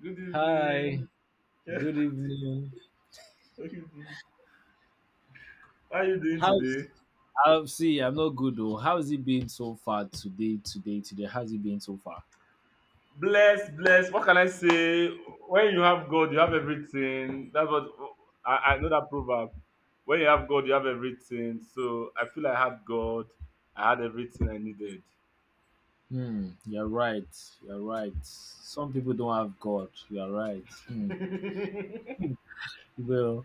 Good Hi, evening. Yeah. good evening. How are you doing How's today? I'll see, I'm not good though. How's it been so far today, How's it been so far? Bless, bless. What can I say? When you have God, you have everything. That's what I know that proverb. When you have God, you have everything. So I feel I had God. I had everything I needed. Hmm, you're right. You're right. Some people don't have God. You're right. Hmm. Well,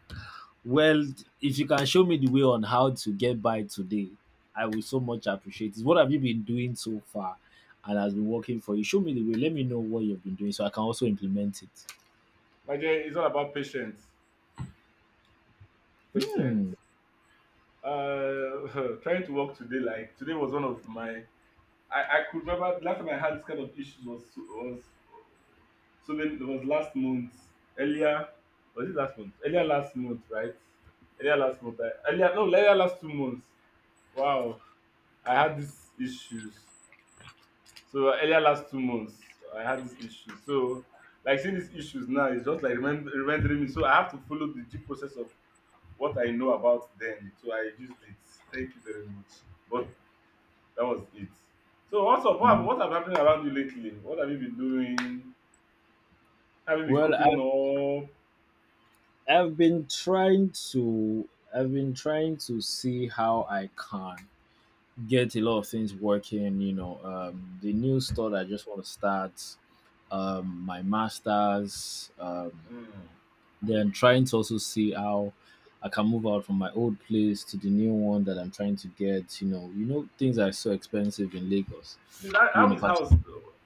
well, if you can show me the way on how to get by today, I will so much appreciate it. What have you been doing so far and has been working for you? Show me the way. Let me know what you've been doing so I can also implement it. My dear, it's all about patience. Patience. Hmm. Trying to work today. Like today was one of my I could remember the last time I had this kind of issues was so many, it was last month, earlier, was it last month, earlier last month, right, earlier last month, earlier, no, earlier last 2 months, wow, I had these issues, so earlier last 2 months I had these issues, so like seeing these issues now is just like remembering me, so I have to follow the due process of what I know about them, so I used it. Thank you very much, but that was it. So what's up? What have happened around you lately? What have you been doing? Have you been Well, I coping up? I've been trying to I've been trying to see how I can get a lot of things working, you know. The new store that I just want to start, my masters, Mm. then trying to also see how I can move out from my old place to the new one that I'm trying to get, you know. You know things are so expensive in Lagos, Please, how you how know, is house?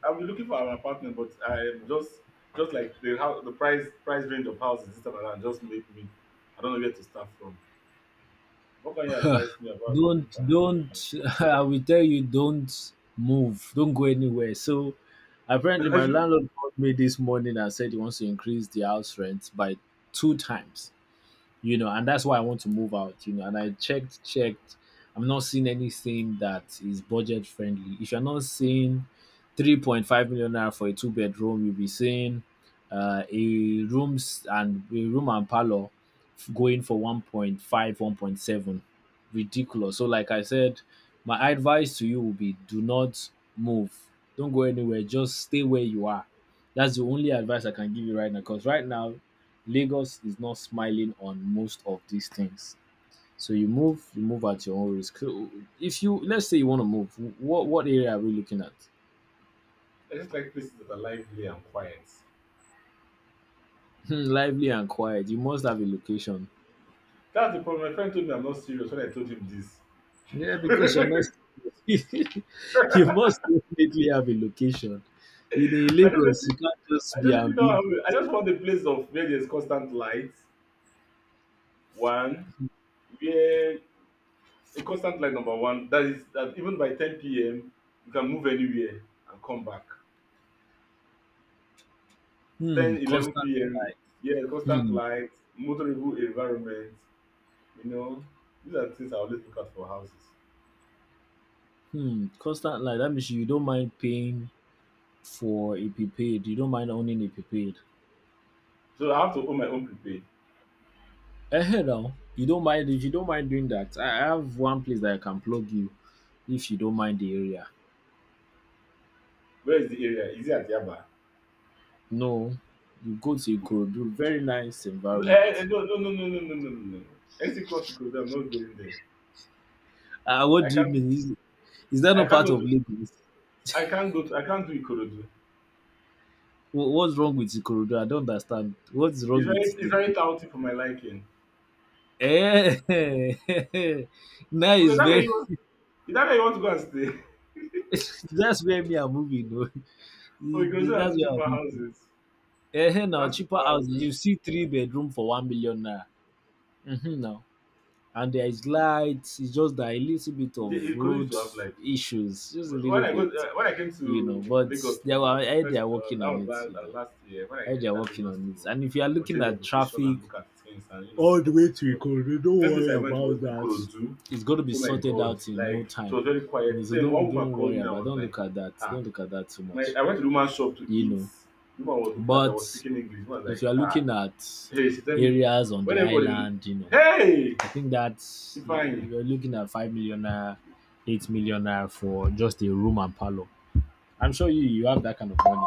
I've been looking for an apartment, but I am just like the house, the price range of houses this time around just make me. I don't know where to start from. What can you advise me about don't looking for an apartment? don't I will tell you, don't move, don't go anywhere. So apparently I my just landlord called me this morning and said he wants to increase the house rent by two times, you know, and that's why I want to move out, you know. And I checked. I'm not seeing anything that is budget friendly. If you're not seeing 3.5 million naira for a two-bedroom, you'll be seeing a rooms and a room and parlor going for 1.5, 1.7. Ridiculous. So, like I said, my advice to you will be: do not move. Don't go anywhere. Just stay where you are. That's the only advice I can give you right now. Because right now, Lagos is not smiling on most of these things. So you move at your own risk. So if you, let's say, you want to move, what area are we looking at? I just like places that are lively and quiet. Lively and quiet. You must have a location. That's the problem. My friend told me I'm not serious when I told him this. Yeah, because you're not. You must definitely have a location. In I don't know. Lagos, you can't just I be don't really know. How, I ambiguous. just want a place of where there's constant light. One, where a constant light, number one, that is that even by 10 p.m. you can move anywhere and come back. 10, Hmm, 11 constant. p.m. Yeah, constant Hmm, light, motorable environment. You know, these are things I always look out for houses. hmm, constant. Like that means you don't mind paying for a prepaid. You don't mind owning a prepaid. So I have to own my own prepaid. Ehen now, you don't mind, if you don't mind doing that, I have one place that I can plug you if you don't mind the area. Where is the area? Is it at Yaba? No, you go to Ikorodu, very nice No, environment. no, no, no, no, no, no, no, no, no. Exit course Ikorodu. I'm not going there. Ah, what I do you can't. mean? Is that I not can't part go of to. Lagos? I can't go. To, I can't do Ikorodu. What's wrong with Ikorodu? I don't understand. What's wrong with the It's very place? touty for my liking. Eh, now Okay, is that way, very. is that where you want to go and stay? That's where me I'm moving. Oh. Oh, Ikorodu That's has where I'm cheaper moving. houses. Eh, hey, It now has cheaper cheaper house. houses. You see three bedroom for 1 million naira. Mm-hmm, now. And there is light. It's just that a little bit of Ikorodu used road to have, like, issues, just a little when bit, when I came you know. to But Lagos, they you, are, the eh, they first, are working that on was it, you know. last year when I Eh, they are entered working Lagos on it. to, And if you are for looking change of at location traffic and look at things and, you know, all pick the up way my to stuff. Ikorodu, don't The first place worry I went to about was that. Ikorodu. It's going to be Oh my sorted God, out in no like, it time. was very You know, quiet. so Then one don't woman don't called worry me. I about. was Don't like, look at that. ah, Don't look at that too my much, I went to the woman's shop to you eat. know. The woman was looking at. I was But speaking English. The woman was if like, you are ah. looking at Hey, she tell me areas on when the everybody, island, you know, hey, I think that's Ifeanyi. you're looking at 5 million naira, 8 million naira for just a room and parlor. I'm sure you have that kind of money.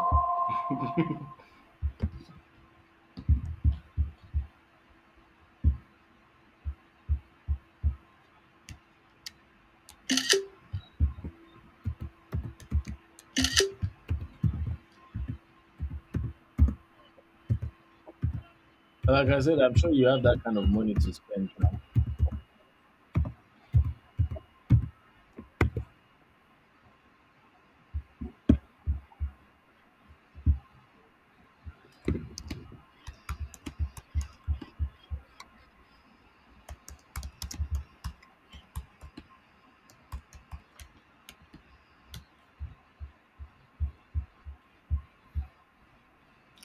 Like I said, I'm sure you have that kind of money to spend now.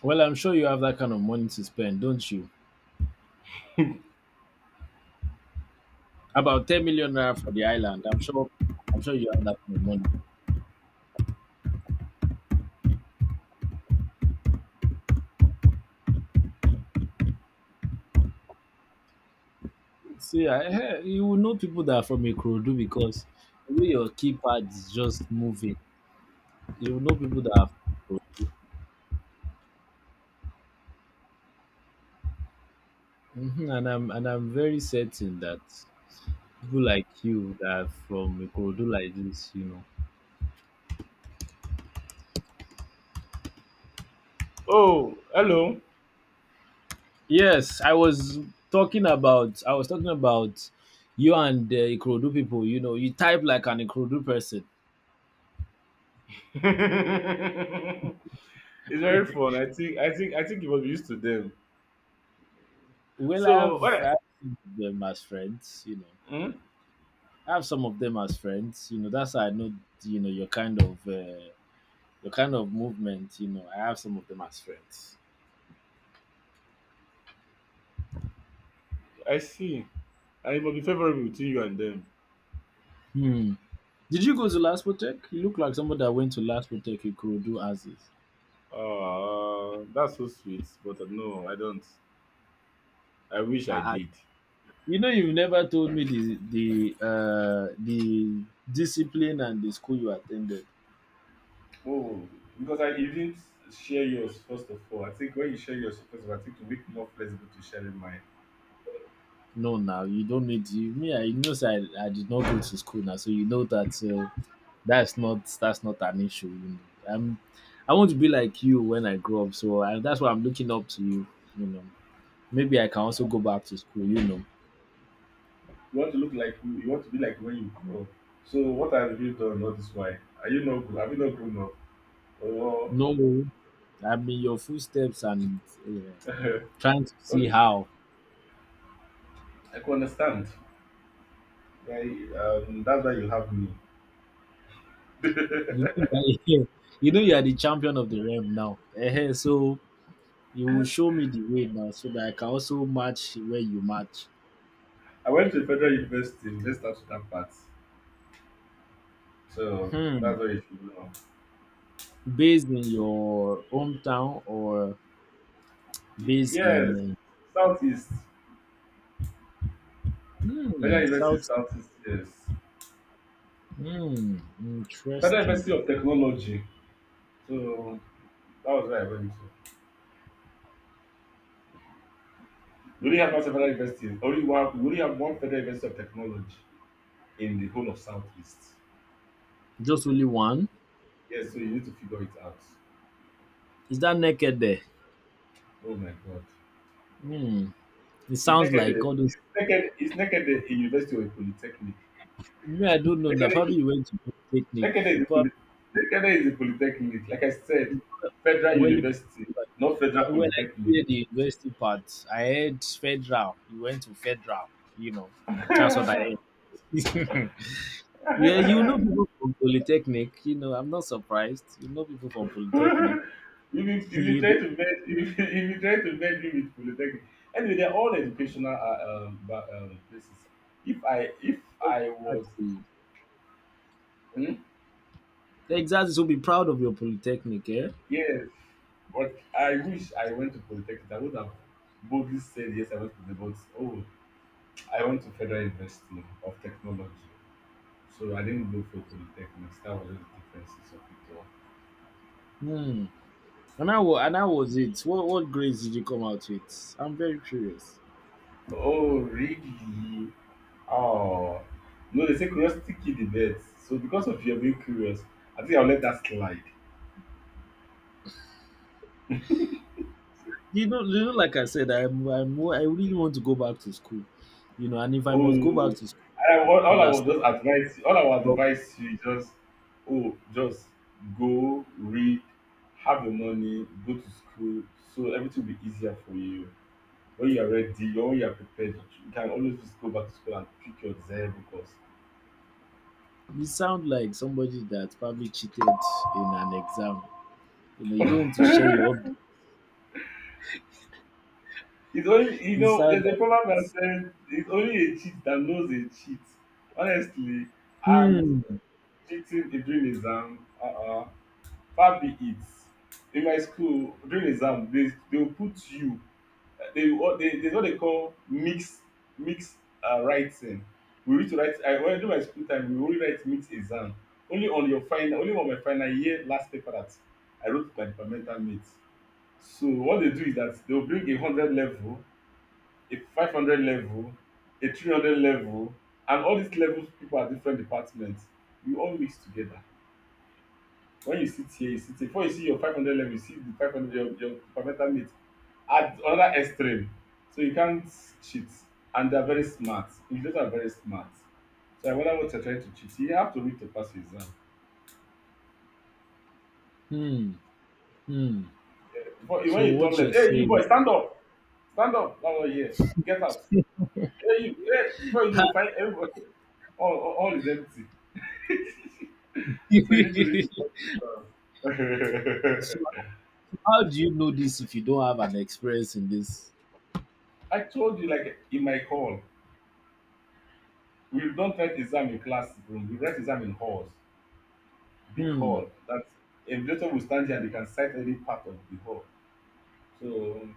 Well, I'm sure you have that kind of money to spend, don't you? About 10 million naira for the island. I'm sure. I'm sure you have that kind of money. See, you will know people that are from Ikorodu because the way your keypad is just moving. You will know people that are from Ikorodu. Mhm. And I'm very certain that people like you that are from Ikorodu like this, you know. Oh, hello. Yes, I was talking about, you and the Ikorodu people. You know, you type like an Ikorodu person. It's very fun. I think you must be used to them. Well, I So what have, I, I have them as friends. You know, hmm? I have some of them as friends. You know, that's how I know. You know, your kind of movement. You know, I have some of them as friends. I see. And it must be favorable between you and them. Hmm. Did you go to Laspotech? You look like somebody that went to Laspotech Ikorodu as is. That's so sweet, but no, I don't. I wish I, I I, did. you know, you've never told me the the discipline and the school you attended. Oh, because I you didn't share yours first of all. I think when you share yours first of all, I think you make more flexible to sharing mine. No, now you don't need you. Me, I you know, say I did not go to school now, so you know that. So that's not an issue. You know, I'm I want to be like you when I grow up, so that's why I'm looking up to you. You know, maybe I can also go back to school, you know. You want to look like you want to be like when you grow up. So what have you done all this while? Are you not have you not grown up? Or No, I'm in your footsteps, and uh, trying to see okay, how, I can understand. That's why you have me. you know, you are, you know you are the champion of the realm now. Ehen, so you will show me the way now so that I can also match where you match. I went to federal university. Let's start with that part. So Hmm. that's why you should know. Based in your hometown, or based Yes, in, Southeast. Federal University is South? Southeast. Yes, Hmm. Federal Interesting. University of Technology. So that was where I went to. We only have one federal university. Only one. We only have one federal university of technology in the whole of Southeast. Just only one. Yes, so you need to figure it out. Is that naked there? Oh my God. Hmm. It Is sounds like Nekede all those. is Nekede is Nekede a university or a polytechnic? Me, I don't know. Now Nekede probably you went to polytechnic. a, is You a probably, poly, is a polytechnic. Like I said, federal well, university, not federal when I polytechnic. did the university part, I heard federal. You went to federal. You know, that's what I heard. Yeah, you know people from polytechnic. You know, I'm not surprised. You know people from polytechnic. You You been trying to bend me with polytechnic. Anyway, they're all educational places. If I if know, I was, exactly. hmm? Exactly. So be proud of your polytechnic, eh? Yes, but I wish I went to polytechnic. I would have boldly said yes, oh, I went to Federal University of Technology. So I didn't go for polytechnics. That was just the differences of it all. Hmm. And how was it? What grades did you come out with? I'm very curious. Oh, really? Oh, no, they say curiosity killed the dead. So because of your being curious, I think I'll let that slide. You know, like I said, I'm I really want to go back to school. You know, and if I must go back Oh, to school, I, all I was understand. just advise, all I would advise you is just, oh, just go read, have the money, go to school, so everything will be easier for you. When you are ready, when you are prepared, you can always just go back to school and pick your desirable course. You sound like somebody that probably cheated in an exam. You know, you don't want to share your update. It's only, You sound there's a like, proverb that says it's only a cheat that knows a cheat, honestly. And hmm, cheating a dream exam, far be it. In my school during exam, they will put you, they will they there's what they call mixed mixed writing. We need to write, I when I do my school time, we only write mixed exam. Only on my final year last paper that I wrote my departmental mate. So what they do is that they will bring 100 level, a 500 level, a 300 level, and all these levels, people are different departments, we all mix together. When you sit here before, you see your 500 level, you see the 500, your departmental mate at another extreme, so you can't cheat. And they are very smart, invigilators are very smart, so I wonder what you are trying to cheat. You have to read to pass your exam. hmm, hmm. Before, when So you turn what you're left, hey, you, boy, saying? stand up, stand up. Oh yeah, get out. Hey, you, hey, before you know, find everybody, all is empty. So you need to read to pass your So exam. how do you know this if you don't have an experience in this? I told you, like, in my call, we don't write exam in class room we write exam in halls. Big Hmm. hall that a vigilator will stand there, and they can sight any part of the hall. So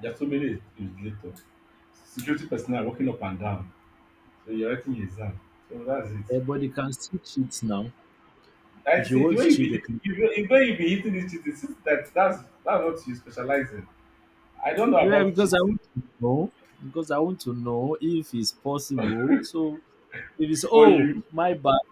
there are so many vigilators. Security personnel walking up and down. So you're writing your exam. So that's it. Everybody can still cheat now. I If you see want to cheat, they can. The way you be hitting this cheating since that's what you specialize in. I don't know Yeah, about because I cheating want to know. Because I want to know if it's possible. So if it's, for oh you.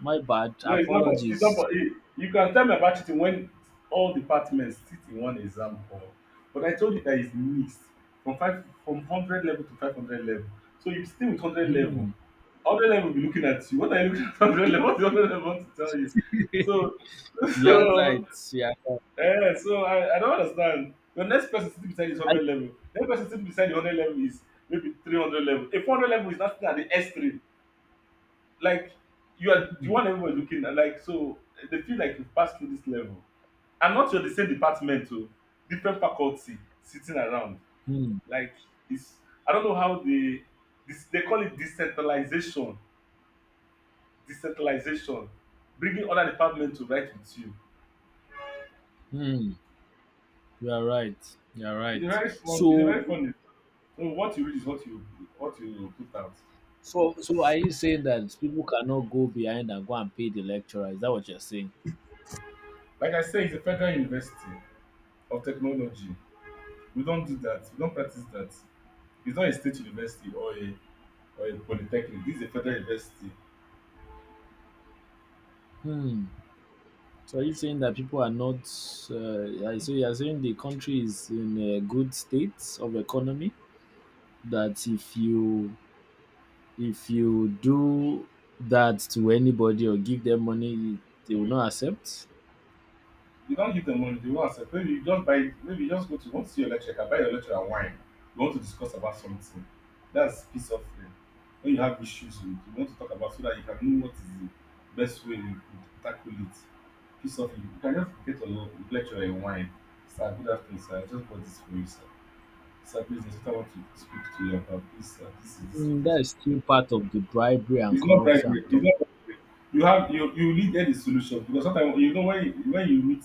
my bad, No, it's not apologies. you can tell me about cheating when all departments sit in one exam hall. But I told you that it's mixed, from 100 level to 500 level. So you stay with 100 level. Hmm. 100 level will be looking at you. What are you looking at, 100 level? What 100 level want to tell you? So You are so right. Yeah. yeah. So I don't understand. The next person sitting beside you is I, 100 level. The next person sitting beside the 100 level is maybe 300 level. A 400 level is not sitting at the S3, like, you are the hmm, one everybody looking at, like, so they feel like you've passed through this level. And not, you're the same department o, different faculty sitting around, hmm, like, it's, I don't know how they, this, they call it decentralization, bringing other department to write with you. hmm. You are right. You are right. It's a very So, fun. So what you read is what you put out. So are you saying that people cannot go behind and go and pay the lecturer? Is that what you're saying? Like I say, it's a federal university of technology, we don't do that, we don't practice that. It's not a state university or a polytechnic, this is a federal university. Hmm. So are you saying that people are not? So you are saying the country is in a good state of economy. That if you do that to anybody or give them money, they will not accept. You don't give them money, they wan accept. Maybe you just buy, maybe you just go to, you want to see your lecturer, buy your lecturer wine, you want to discuss about something, that's peace offering. When you have issues with, you want to talk about, so that you can know what is the best way you could tackle it. Peace offering, you can just get your lecturer a wine. Sir, good afternoon, sir, I just bought this for you, sir. Sir, please, the instructor want to speak to you about this, sir, this is this is Hmm, this. that is still part of the bribery and It's not corruption. bribery. I'm It's talking. not bribery. You have you you needed a solution because sometimes, when you meet,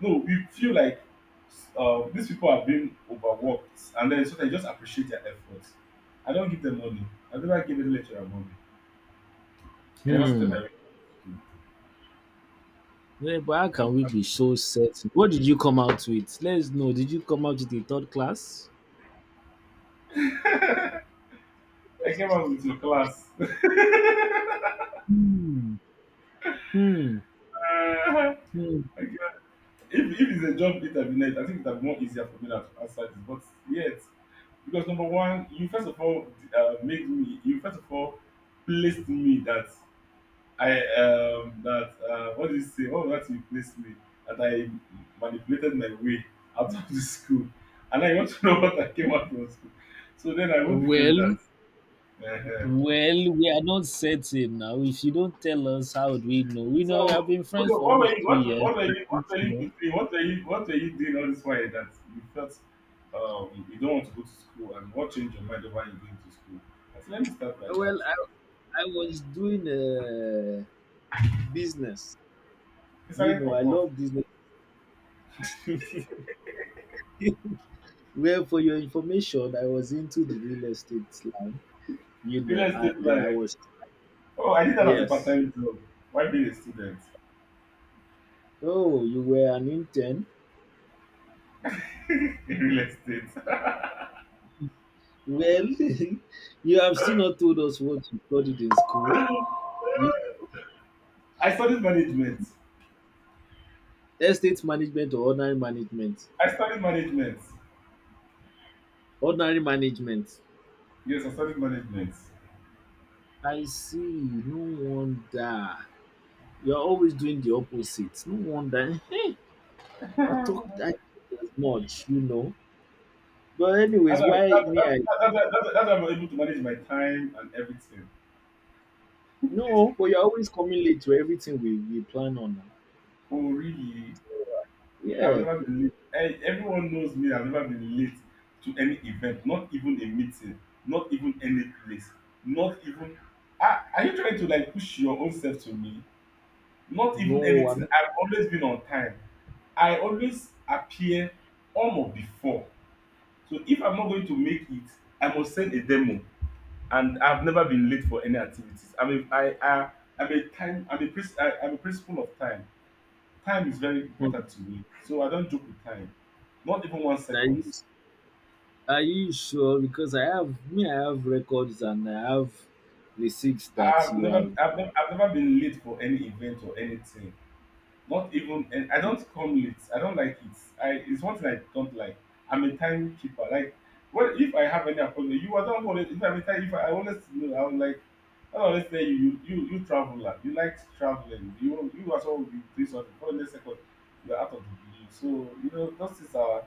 no, we feel like, these people are being overworked, and then sometimes you just appreciate their efforts. I don't give them money. I never give any lecturer money. I never started Hmm. my Yeah, but how and can we be so certain? What did you come out with? Let's know. Did you come out with a third class? I came out with your class. Hmm. Hmm. Hmm. I came out- if it's a job interview night, I think it would have been more easier for me to answer this. But yet, because number one, you first of all made me, you first of all placed me that I that what do you say? What was that you placed me? That I manipulated my way out of the school, and I want to know what I came out from school. So then I won't defend Well, that. Uh-huh. well, we are not certain now. If you don't tell us, how would we know? We know we have So been okay, friends for what were almost you? two What, were- years. what were And you? I What were don't you know. doing? What were you? What were you doing all this while that you felt you don't want to go to school, and what changed your mind over you going to school? I said, let me start by that. Well, I was doing business. It's a You real know, I problem. love business. Well, for your information, I was into the real estate line, you Real know, and estate I lawyer. was, Oh, I did that as a yes. part-time job. Why being a student Oh, you were an intern? in real estate? Well, you have still not told us what you studied in school. You I studied management. estate management or ordinary management? I studied management. Ordinary management. Yes, I studied management. I see. No wonder. You're always doing the opposite. No wonder. I talked as much, you know. But That's anyways, how, why that's, me I that's how I'm able to manage my time and everything. no, but you're always coming late to everything we plan on. Oh, really? I've Yeah. never been late. Eh, everyone knows me. I've never been late to any event, not even a meeting, not even any place, not even. Are you trying to like push your own self to me? Not even No, anything. I'm I've always been on time. I always appear on or before. So if I'm not going to make it, I must send a demo. And I've never been late for any activities. I mean, I'm a time. I'm a principle of time. Time is very important to me, so I don't joke with time. Not even one that you seconds. are you sure? Because I have me, I have records and I have receipts that I've you never, are. I've never, I've never been late for any event or anything. Not even. And I don't come late. I don't like it. I it's one thing I don't like. I'm a timekeeper. Like, what if I have any appointment? You are not always. If I'm a time, if I always know. I'm like, I always tell you traveler. You like traveling. You as well be doing something for the next second. You're out of the blue. So you know those things are.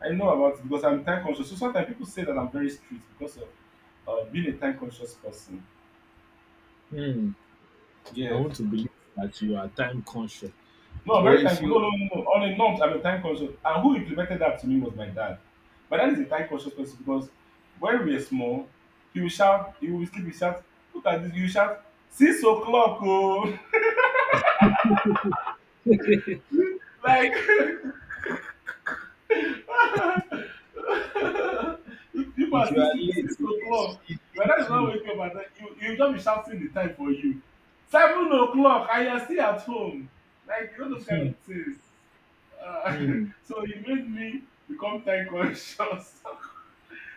I know about it because I'm time conscious. So sometimes people say that I'm very strict because of being a time conscious person. Hmm, I Yes. want to believe that you are time conscious. No, I'm But very time. No, no, no, no. On a norms, I'm a time conscious. And who implemented that to me was my dad. My dad is a time conscious person because when we were small, he will shout, he will sleep, he shout, look at this, you shout, 6 o'clock, oh. Like, if people if are you are still late, sleeping, six it o'clock. My dad leaves is not you. waking up at night. You just be shouting the time for you. 7 o'clock, and you're still at home. Like, you know, those kind Hmm, of things. Uh, hmm. so he made me become time conscious.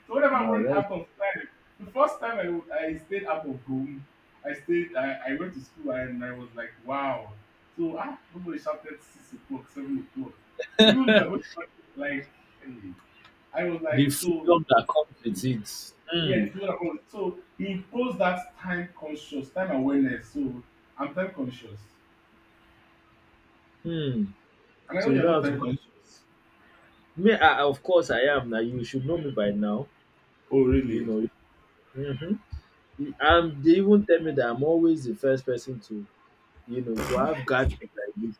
So whenever I'm Ah, running that's out of time, the first time I stayed out of home, I went to school and I was like, wow. So, nobody shouted 6 o'clock, 7 o'clock. Even if you're going to, like, hey, I was the like, so, freedom that comes with it. yeah, Hmm, the people that come- so he imposed that time conscious, time awareness. So, I'm time conscious. hmm. And I So know you you're know not how to time conscious. me. Of course, I am. Now you should know me by now. Oh, You really? know. Mm-hmm. And they even tell me that I'm always the first person to. You know, if you have gardens like this.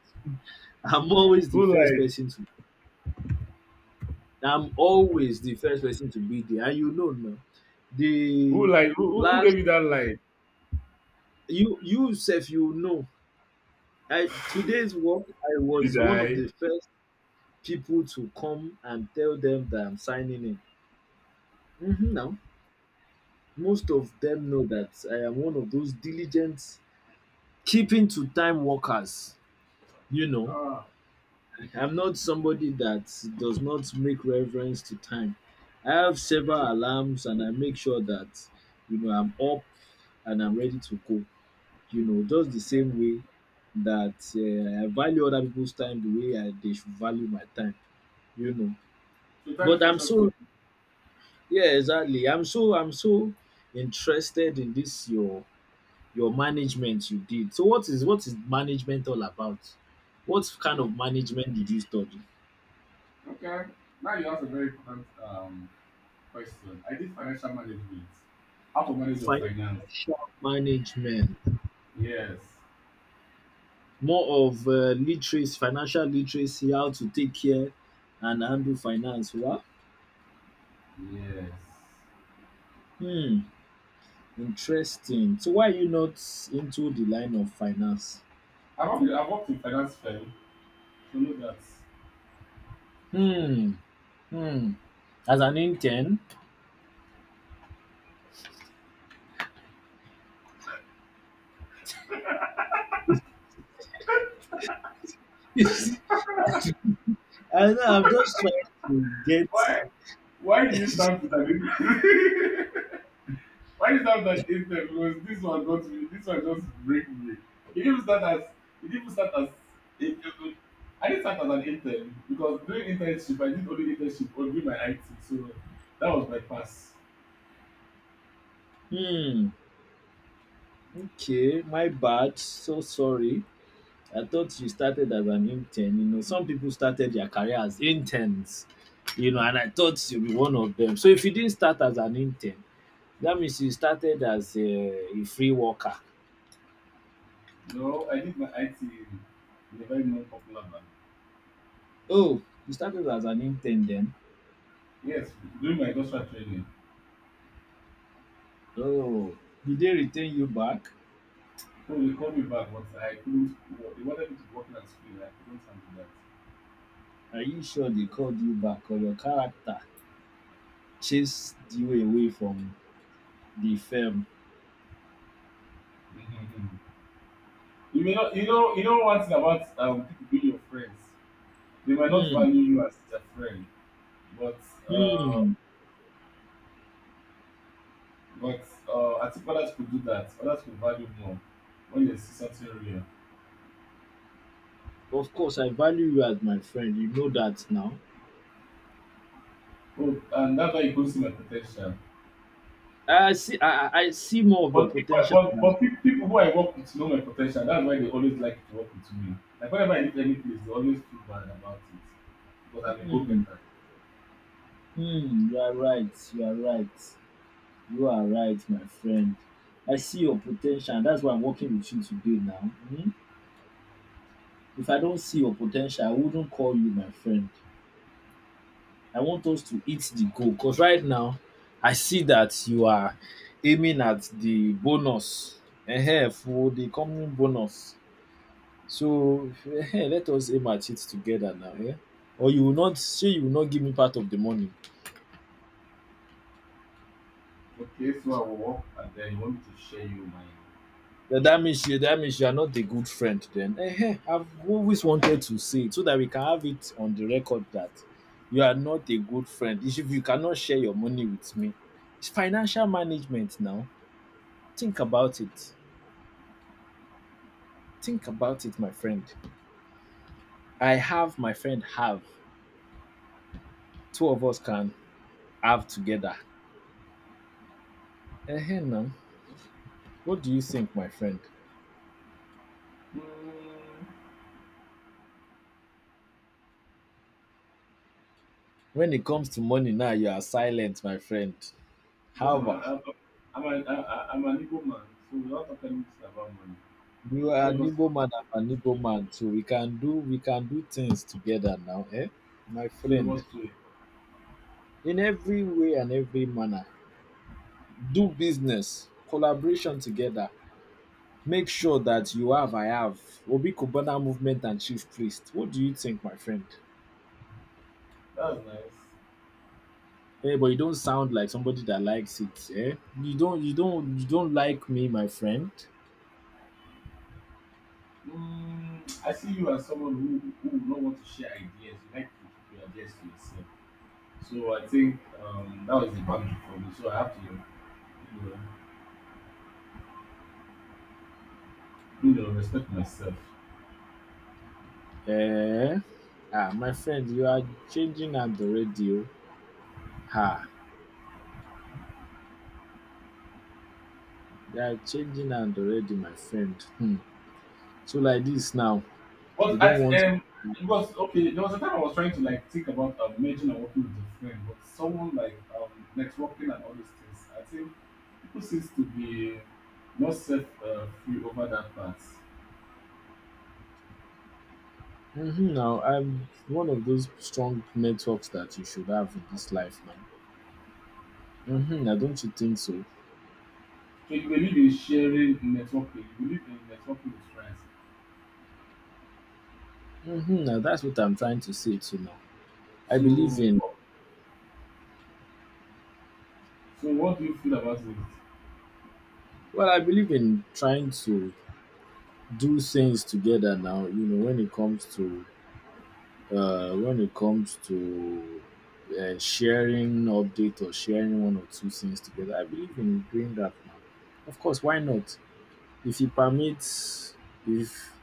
I'm always the Who first lied? person to I'm always the first person to be there. And you know now. Who The lied? Who last gave you that lie? you you self you know. I today's work I was Did one of I? the first people to come and tell them that I'm signing in. Hmm, now most of them know that I am one of those diligent keeping to time workers, you know. Ah, I'm not somebody that does not make reference to time. I have several alarms and I make sure that I'm up and I'm ready to go. Just the same way that I value other people's time the way they should value my time. You know, so time is but I'm precious to so you. yeah, exactly. I'm so interested in this your management you did. So what is management all about? What kind of management did you study? Okay. Now you asked a very important question. I did financial management. How to manage your finance. Financial management, Yes. more of literacy, financial literacy, how to take care and handle finance. Wow. Yes. Hmm. Interesting. So why are you not into the line of finance? I've worked in finance firm, so know that. Hmm. Hmm. As an intern, I know I'm just trying to get. Why why did you stand with an why did you stand at 8:10? Because this one got me, this one just break me. It didn't start as it didn't start as it, it, I didn't start as an intern because during internship I did only internship or during my IT, so that was my pass. Hmm. Okay, my bad. So sorry. I thought you started as an intern. Some people started their career as interns, and I thought you'd be one of them. So if you didn't start as an intern, that means you started as a free worker. No, I did my IT in a very non-popular bank. Oh, you started as an intern then? Yes, during my industrial training, Oh, did they retain you back? so they called me back, but I couldn't. They wanted me to work in a school, I couldn't handle that. Are you sure they called you back or your character chased you away from the firm? Mm-hmm. You may not, you know one thing about people being your friends. They might not Hmm, value you as their friend, but uh, hmm. I think others could do that. Others could value more when they see something real. Of course, I value you as my friend. You know that now. Oh, and that's why you could see my potential. I see. I see more of your But but potential. but but pe- people who I work with know my potential. That's why they always like to work with me. Like whenever I leave any place, they always feel bad about it, but I'm a go Hmm, getter. hmm, you are right, you are right. You are right, my friend. I see your potential. And that's why I'm working with you today now. Hmm? If I don't see your potential, I wouldn't call you my friend. I want us to hit the goal because right now I see that you are aiming at the bonus for the company bonus. So let us aim at it together now or you will not give me part of the money. Okay, so I will work and then you want me to share you my Yeah, that means you are not a good friend then. Ehen, I've always wanted to say it so that we can have it on the record that you are not a good friend. If you cannot share your money with me, it's financial management now. Think about it. Think about it, my friend. I have, my friend have. Two of us can have together. Eh, now. What do you think, my friend? um When it comes to money now, you are silent, my friend. because I'm However. a I'm a I'm an I am an Igbo man, so we don't talk anything about money. You are When it an comes to Igbo money, man, I'm an Igbo man too. We can do things together now, eh? My so you friend. work, so In every way and every manner. Do business, collaboration together. Make sure that you have I have. Obi Kubana movement and chief priest. What do you think, my friend? that's nice. Eh, but you don't sound like somebody that likes it, eh? You don't like me, my friend. I see you as someone who will not want to share ideas. You like to keep your ideas to yourself. So I think that was the boundary for me. So I have to, know, respect myself. Eh? Ah, my friend, you are changing and the radio. Ha. They are changing and already, my friend. Hmm. So like this now, you But don't at want. It was okay. There was a time I was trying to like think about merging and working with a friend, but someone like networking and all these things. I think people seems to be not self free over that part. So Hmm now. I'm one of those strong networks that you should have in this life now. Don't you think so? you believe in sharing in networking. You believe in networking with friends. Hmm now That's what I'm trying to say to now. I believe in. So, so what do you feel about it? Well, I believe in trying to do things together now. When it comes to when it comes to sharing update or sharing one or two things together, I believe in doing that now. Of course, why not? If He permits, if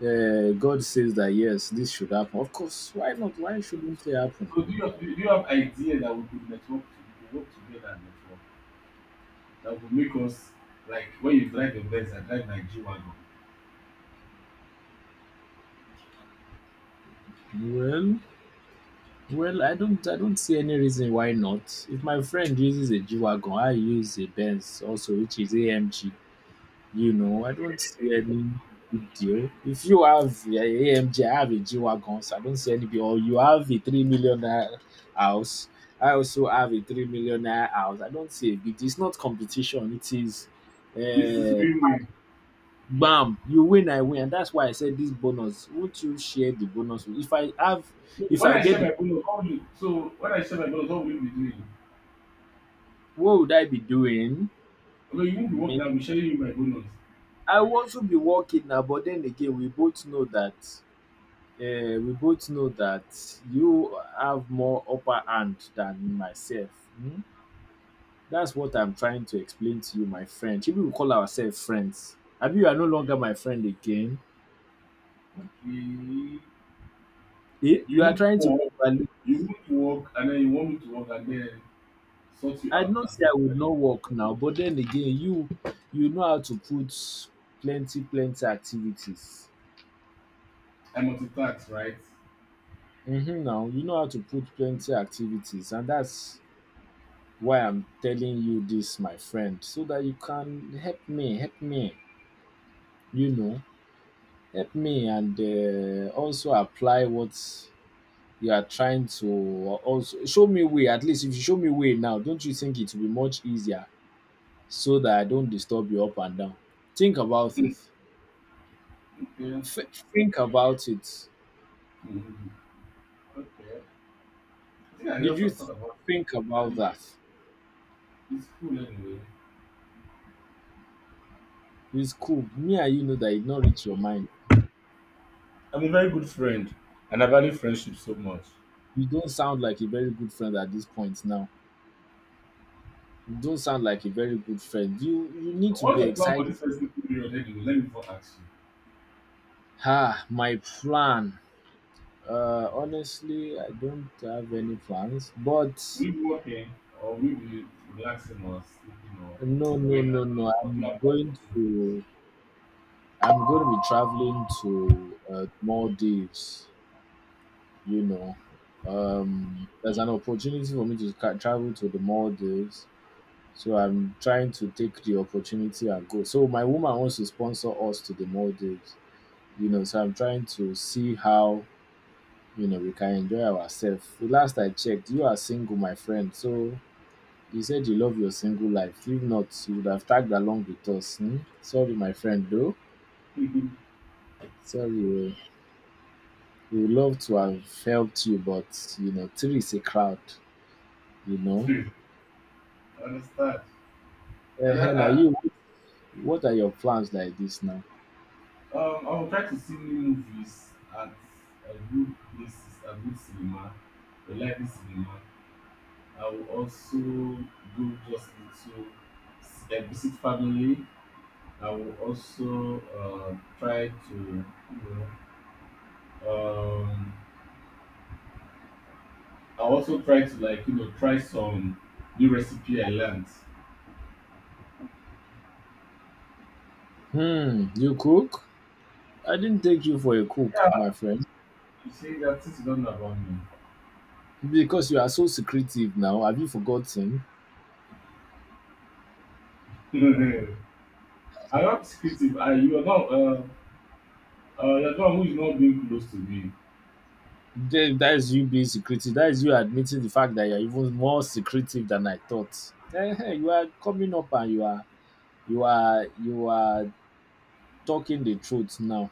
God says that yes, this should happen, of course, why not? Why shouldn't it happen? So do you have idea that we could network to we could work together and network? That will make us like when you drive a Benz, I drive my G wagon. Well, well, I don't see any reason why not. If my friend uses a G wagon, I use a Benz also, which is AMG. I don't see any big deal. If you have a AMG, I have a G Wagon, so I don't see any big or you have a 3 million naira house. I also have a 3 million naira house. I don't see a big deal. It's not competition, it is This is uh win-win. bam, you win, I win. And that's why I said this bonus. Won't you share the bonus? So If when I I get share the my bonus, how will you? So when I share my bonus, how will you be doing? what would I be doing? Although you won't be Me, working, I'll be sharing you my bonus. I want to be working now, but then again, we both know that you have more upper hand than myself. Hmm? That's what I'm trying to explain to you, my friend. Should we call ourselves friends? Abi, you are no longer my friend again. Okay. Eh? You You are won't trying to work. get value. You won't work, and then you want me to work, and then sort you I out know as say a I would family. not work now, but then again, you know how to put plenty, plenty activities. I'm multitask, right? Mm-hmm, now you know how to put plenty activities, and that's why I'm telling you this, my friend, so that you can help me, help me. you know, Help me and also apply what you are trying to also show me way. At least if you show me way now, don't you think it will be much easier so that I don't disturb you up and down? Think about it. Mm, okay. Think about it. Hmm. Okay. I think I Did also you thought about think it, about and that? it's cool anyway. It's cool. Me and you know that it not reach your mind. I'm a very good friend, and I value friendship so much. You don't sound like a very good friend at this point now. You don't sound like a very good friend. You need to be What's the plan for excited. this festive period anyway? Let me before ask you. Ah, my plan. Honestly, I don't have any plans, but Will you be working or will you be relaxing or sleeping or no, no, going no, out no. or doing a part for I'm going to be traveling to Maldives. You know, there's an opportunity for me to travel to the Maldives, so I'm trying to take the opportunity and go. So my woman wants to sponsor us to the Maldives. So I'm trying to see how we can enjoy ourselves. The last I checked, you are single, my friend, so you said you love your single life. If not, you would have tagged along with us. Hmm? Sorry, my friend, though. movies? Sorry, eh. We would love to have helped you, but three is a crowd, you know. Please, I understand. And Uh, now, I, you, what are your plans like this now? I, um, I will try to see new movies at a good place, a good cinema, a lively cinema. I will also do just little visit family. I will also try to, you know, um, I also try to like try some new recipe I learned. Hmm, you cook? I didn't take you for a cook, my Yeah, friend, you see that this is not about me. because you are so secretive now. Have you forgotten? I'm not secretive. I you are not you're the one who is not being close to me. That is you being secretive. That is you admitting the fact that you are even more secretive than I thought. Eh, eh, you are coming up and you are talking the truth now.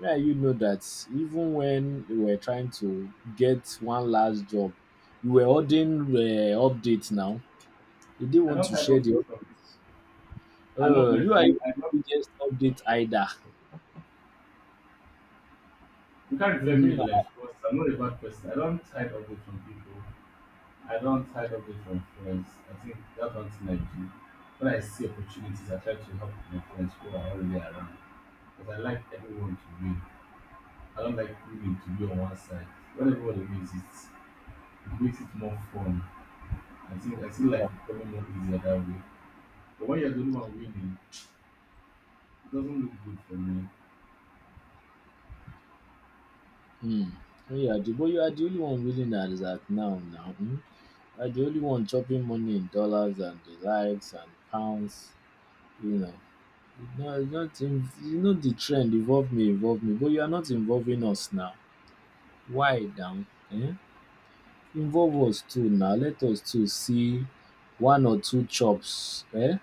Yeah, you know that even when you were trying to get one last job you were holding updates now you didn't I want don't to hide all share these from the people. I love my, you I, are even I love the biggest update either. you can't refer me Mm-hmm. like because I'm not a bad person. I don't hide all this from people. I don't hide all this from friends. I think that's one thing I do. When I see opportunities, I try to help my friends who are already around. Because I like everyone to win. I don't like women to be on one side. When everybody moves, it makes it more fun. I think I feel like it's probably more easier that way. But when you're the only one winning, it doesn't look good for me. mm. Yeah, but you are the only one willing that is that now now mm? You are the only one chopping money in dollars and the likes and pounds you know no, not in, the trend, involve me, involve me, but you are not involving us now. Why down? Eh? Involve us too now. Let us too see one or two chops. Eh?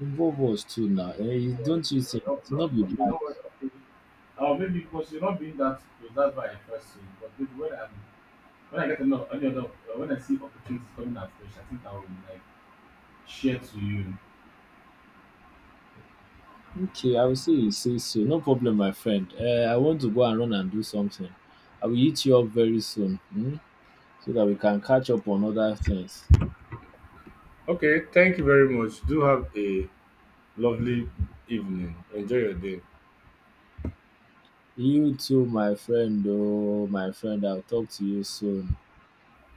Involve us too na Or, don't you think no, it will no, not be okay, bad? no, worry, okay. Oh, maybe because you're not being that close. That's why I first saw you. But maybe when I get another any other when I see opportunities coming at fresh, I think I will like share to you. Okay, I will say you say so. No problem, my friend. Eh? I want to go and run and do something. I will hit you up very soon. Hmm. So that we can catch up on other things. Okay, thank you very much. Do have a lovely evening. Enjoy your day. You too, my friend. Oh, my friend, I will talk to you soon.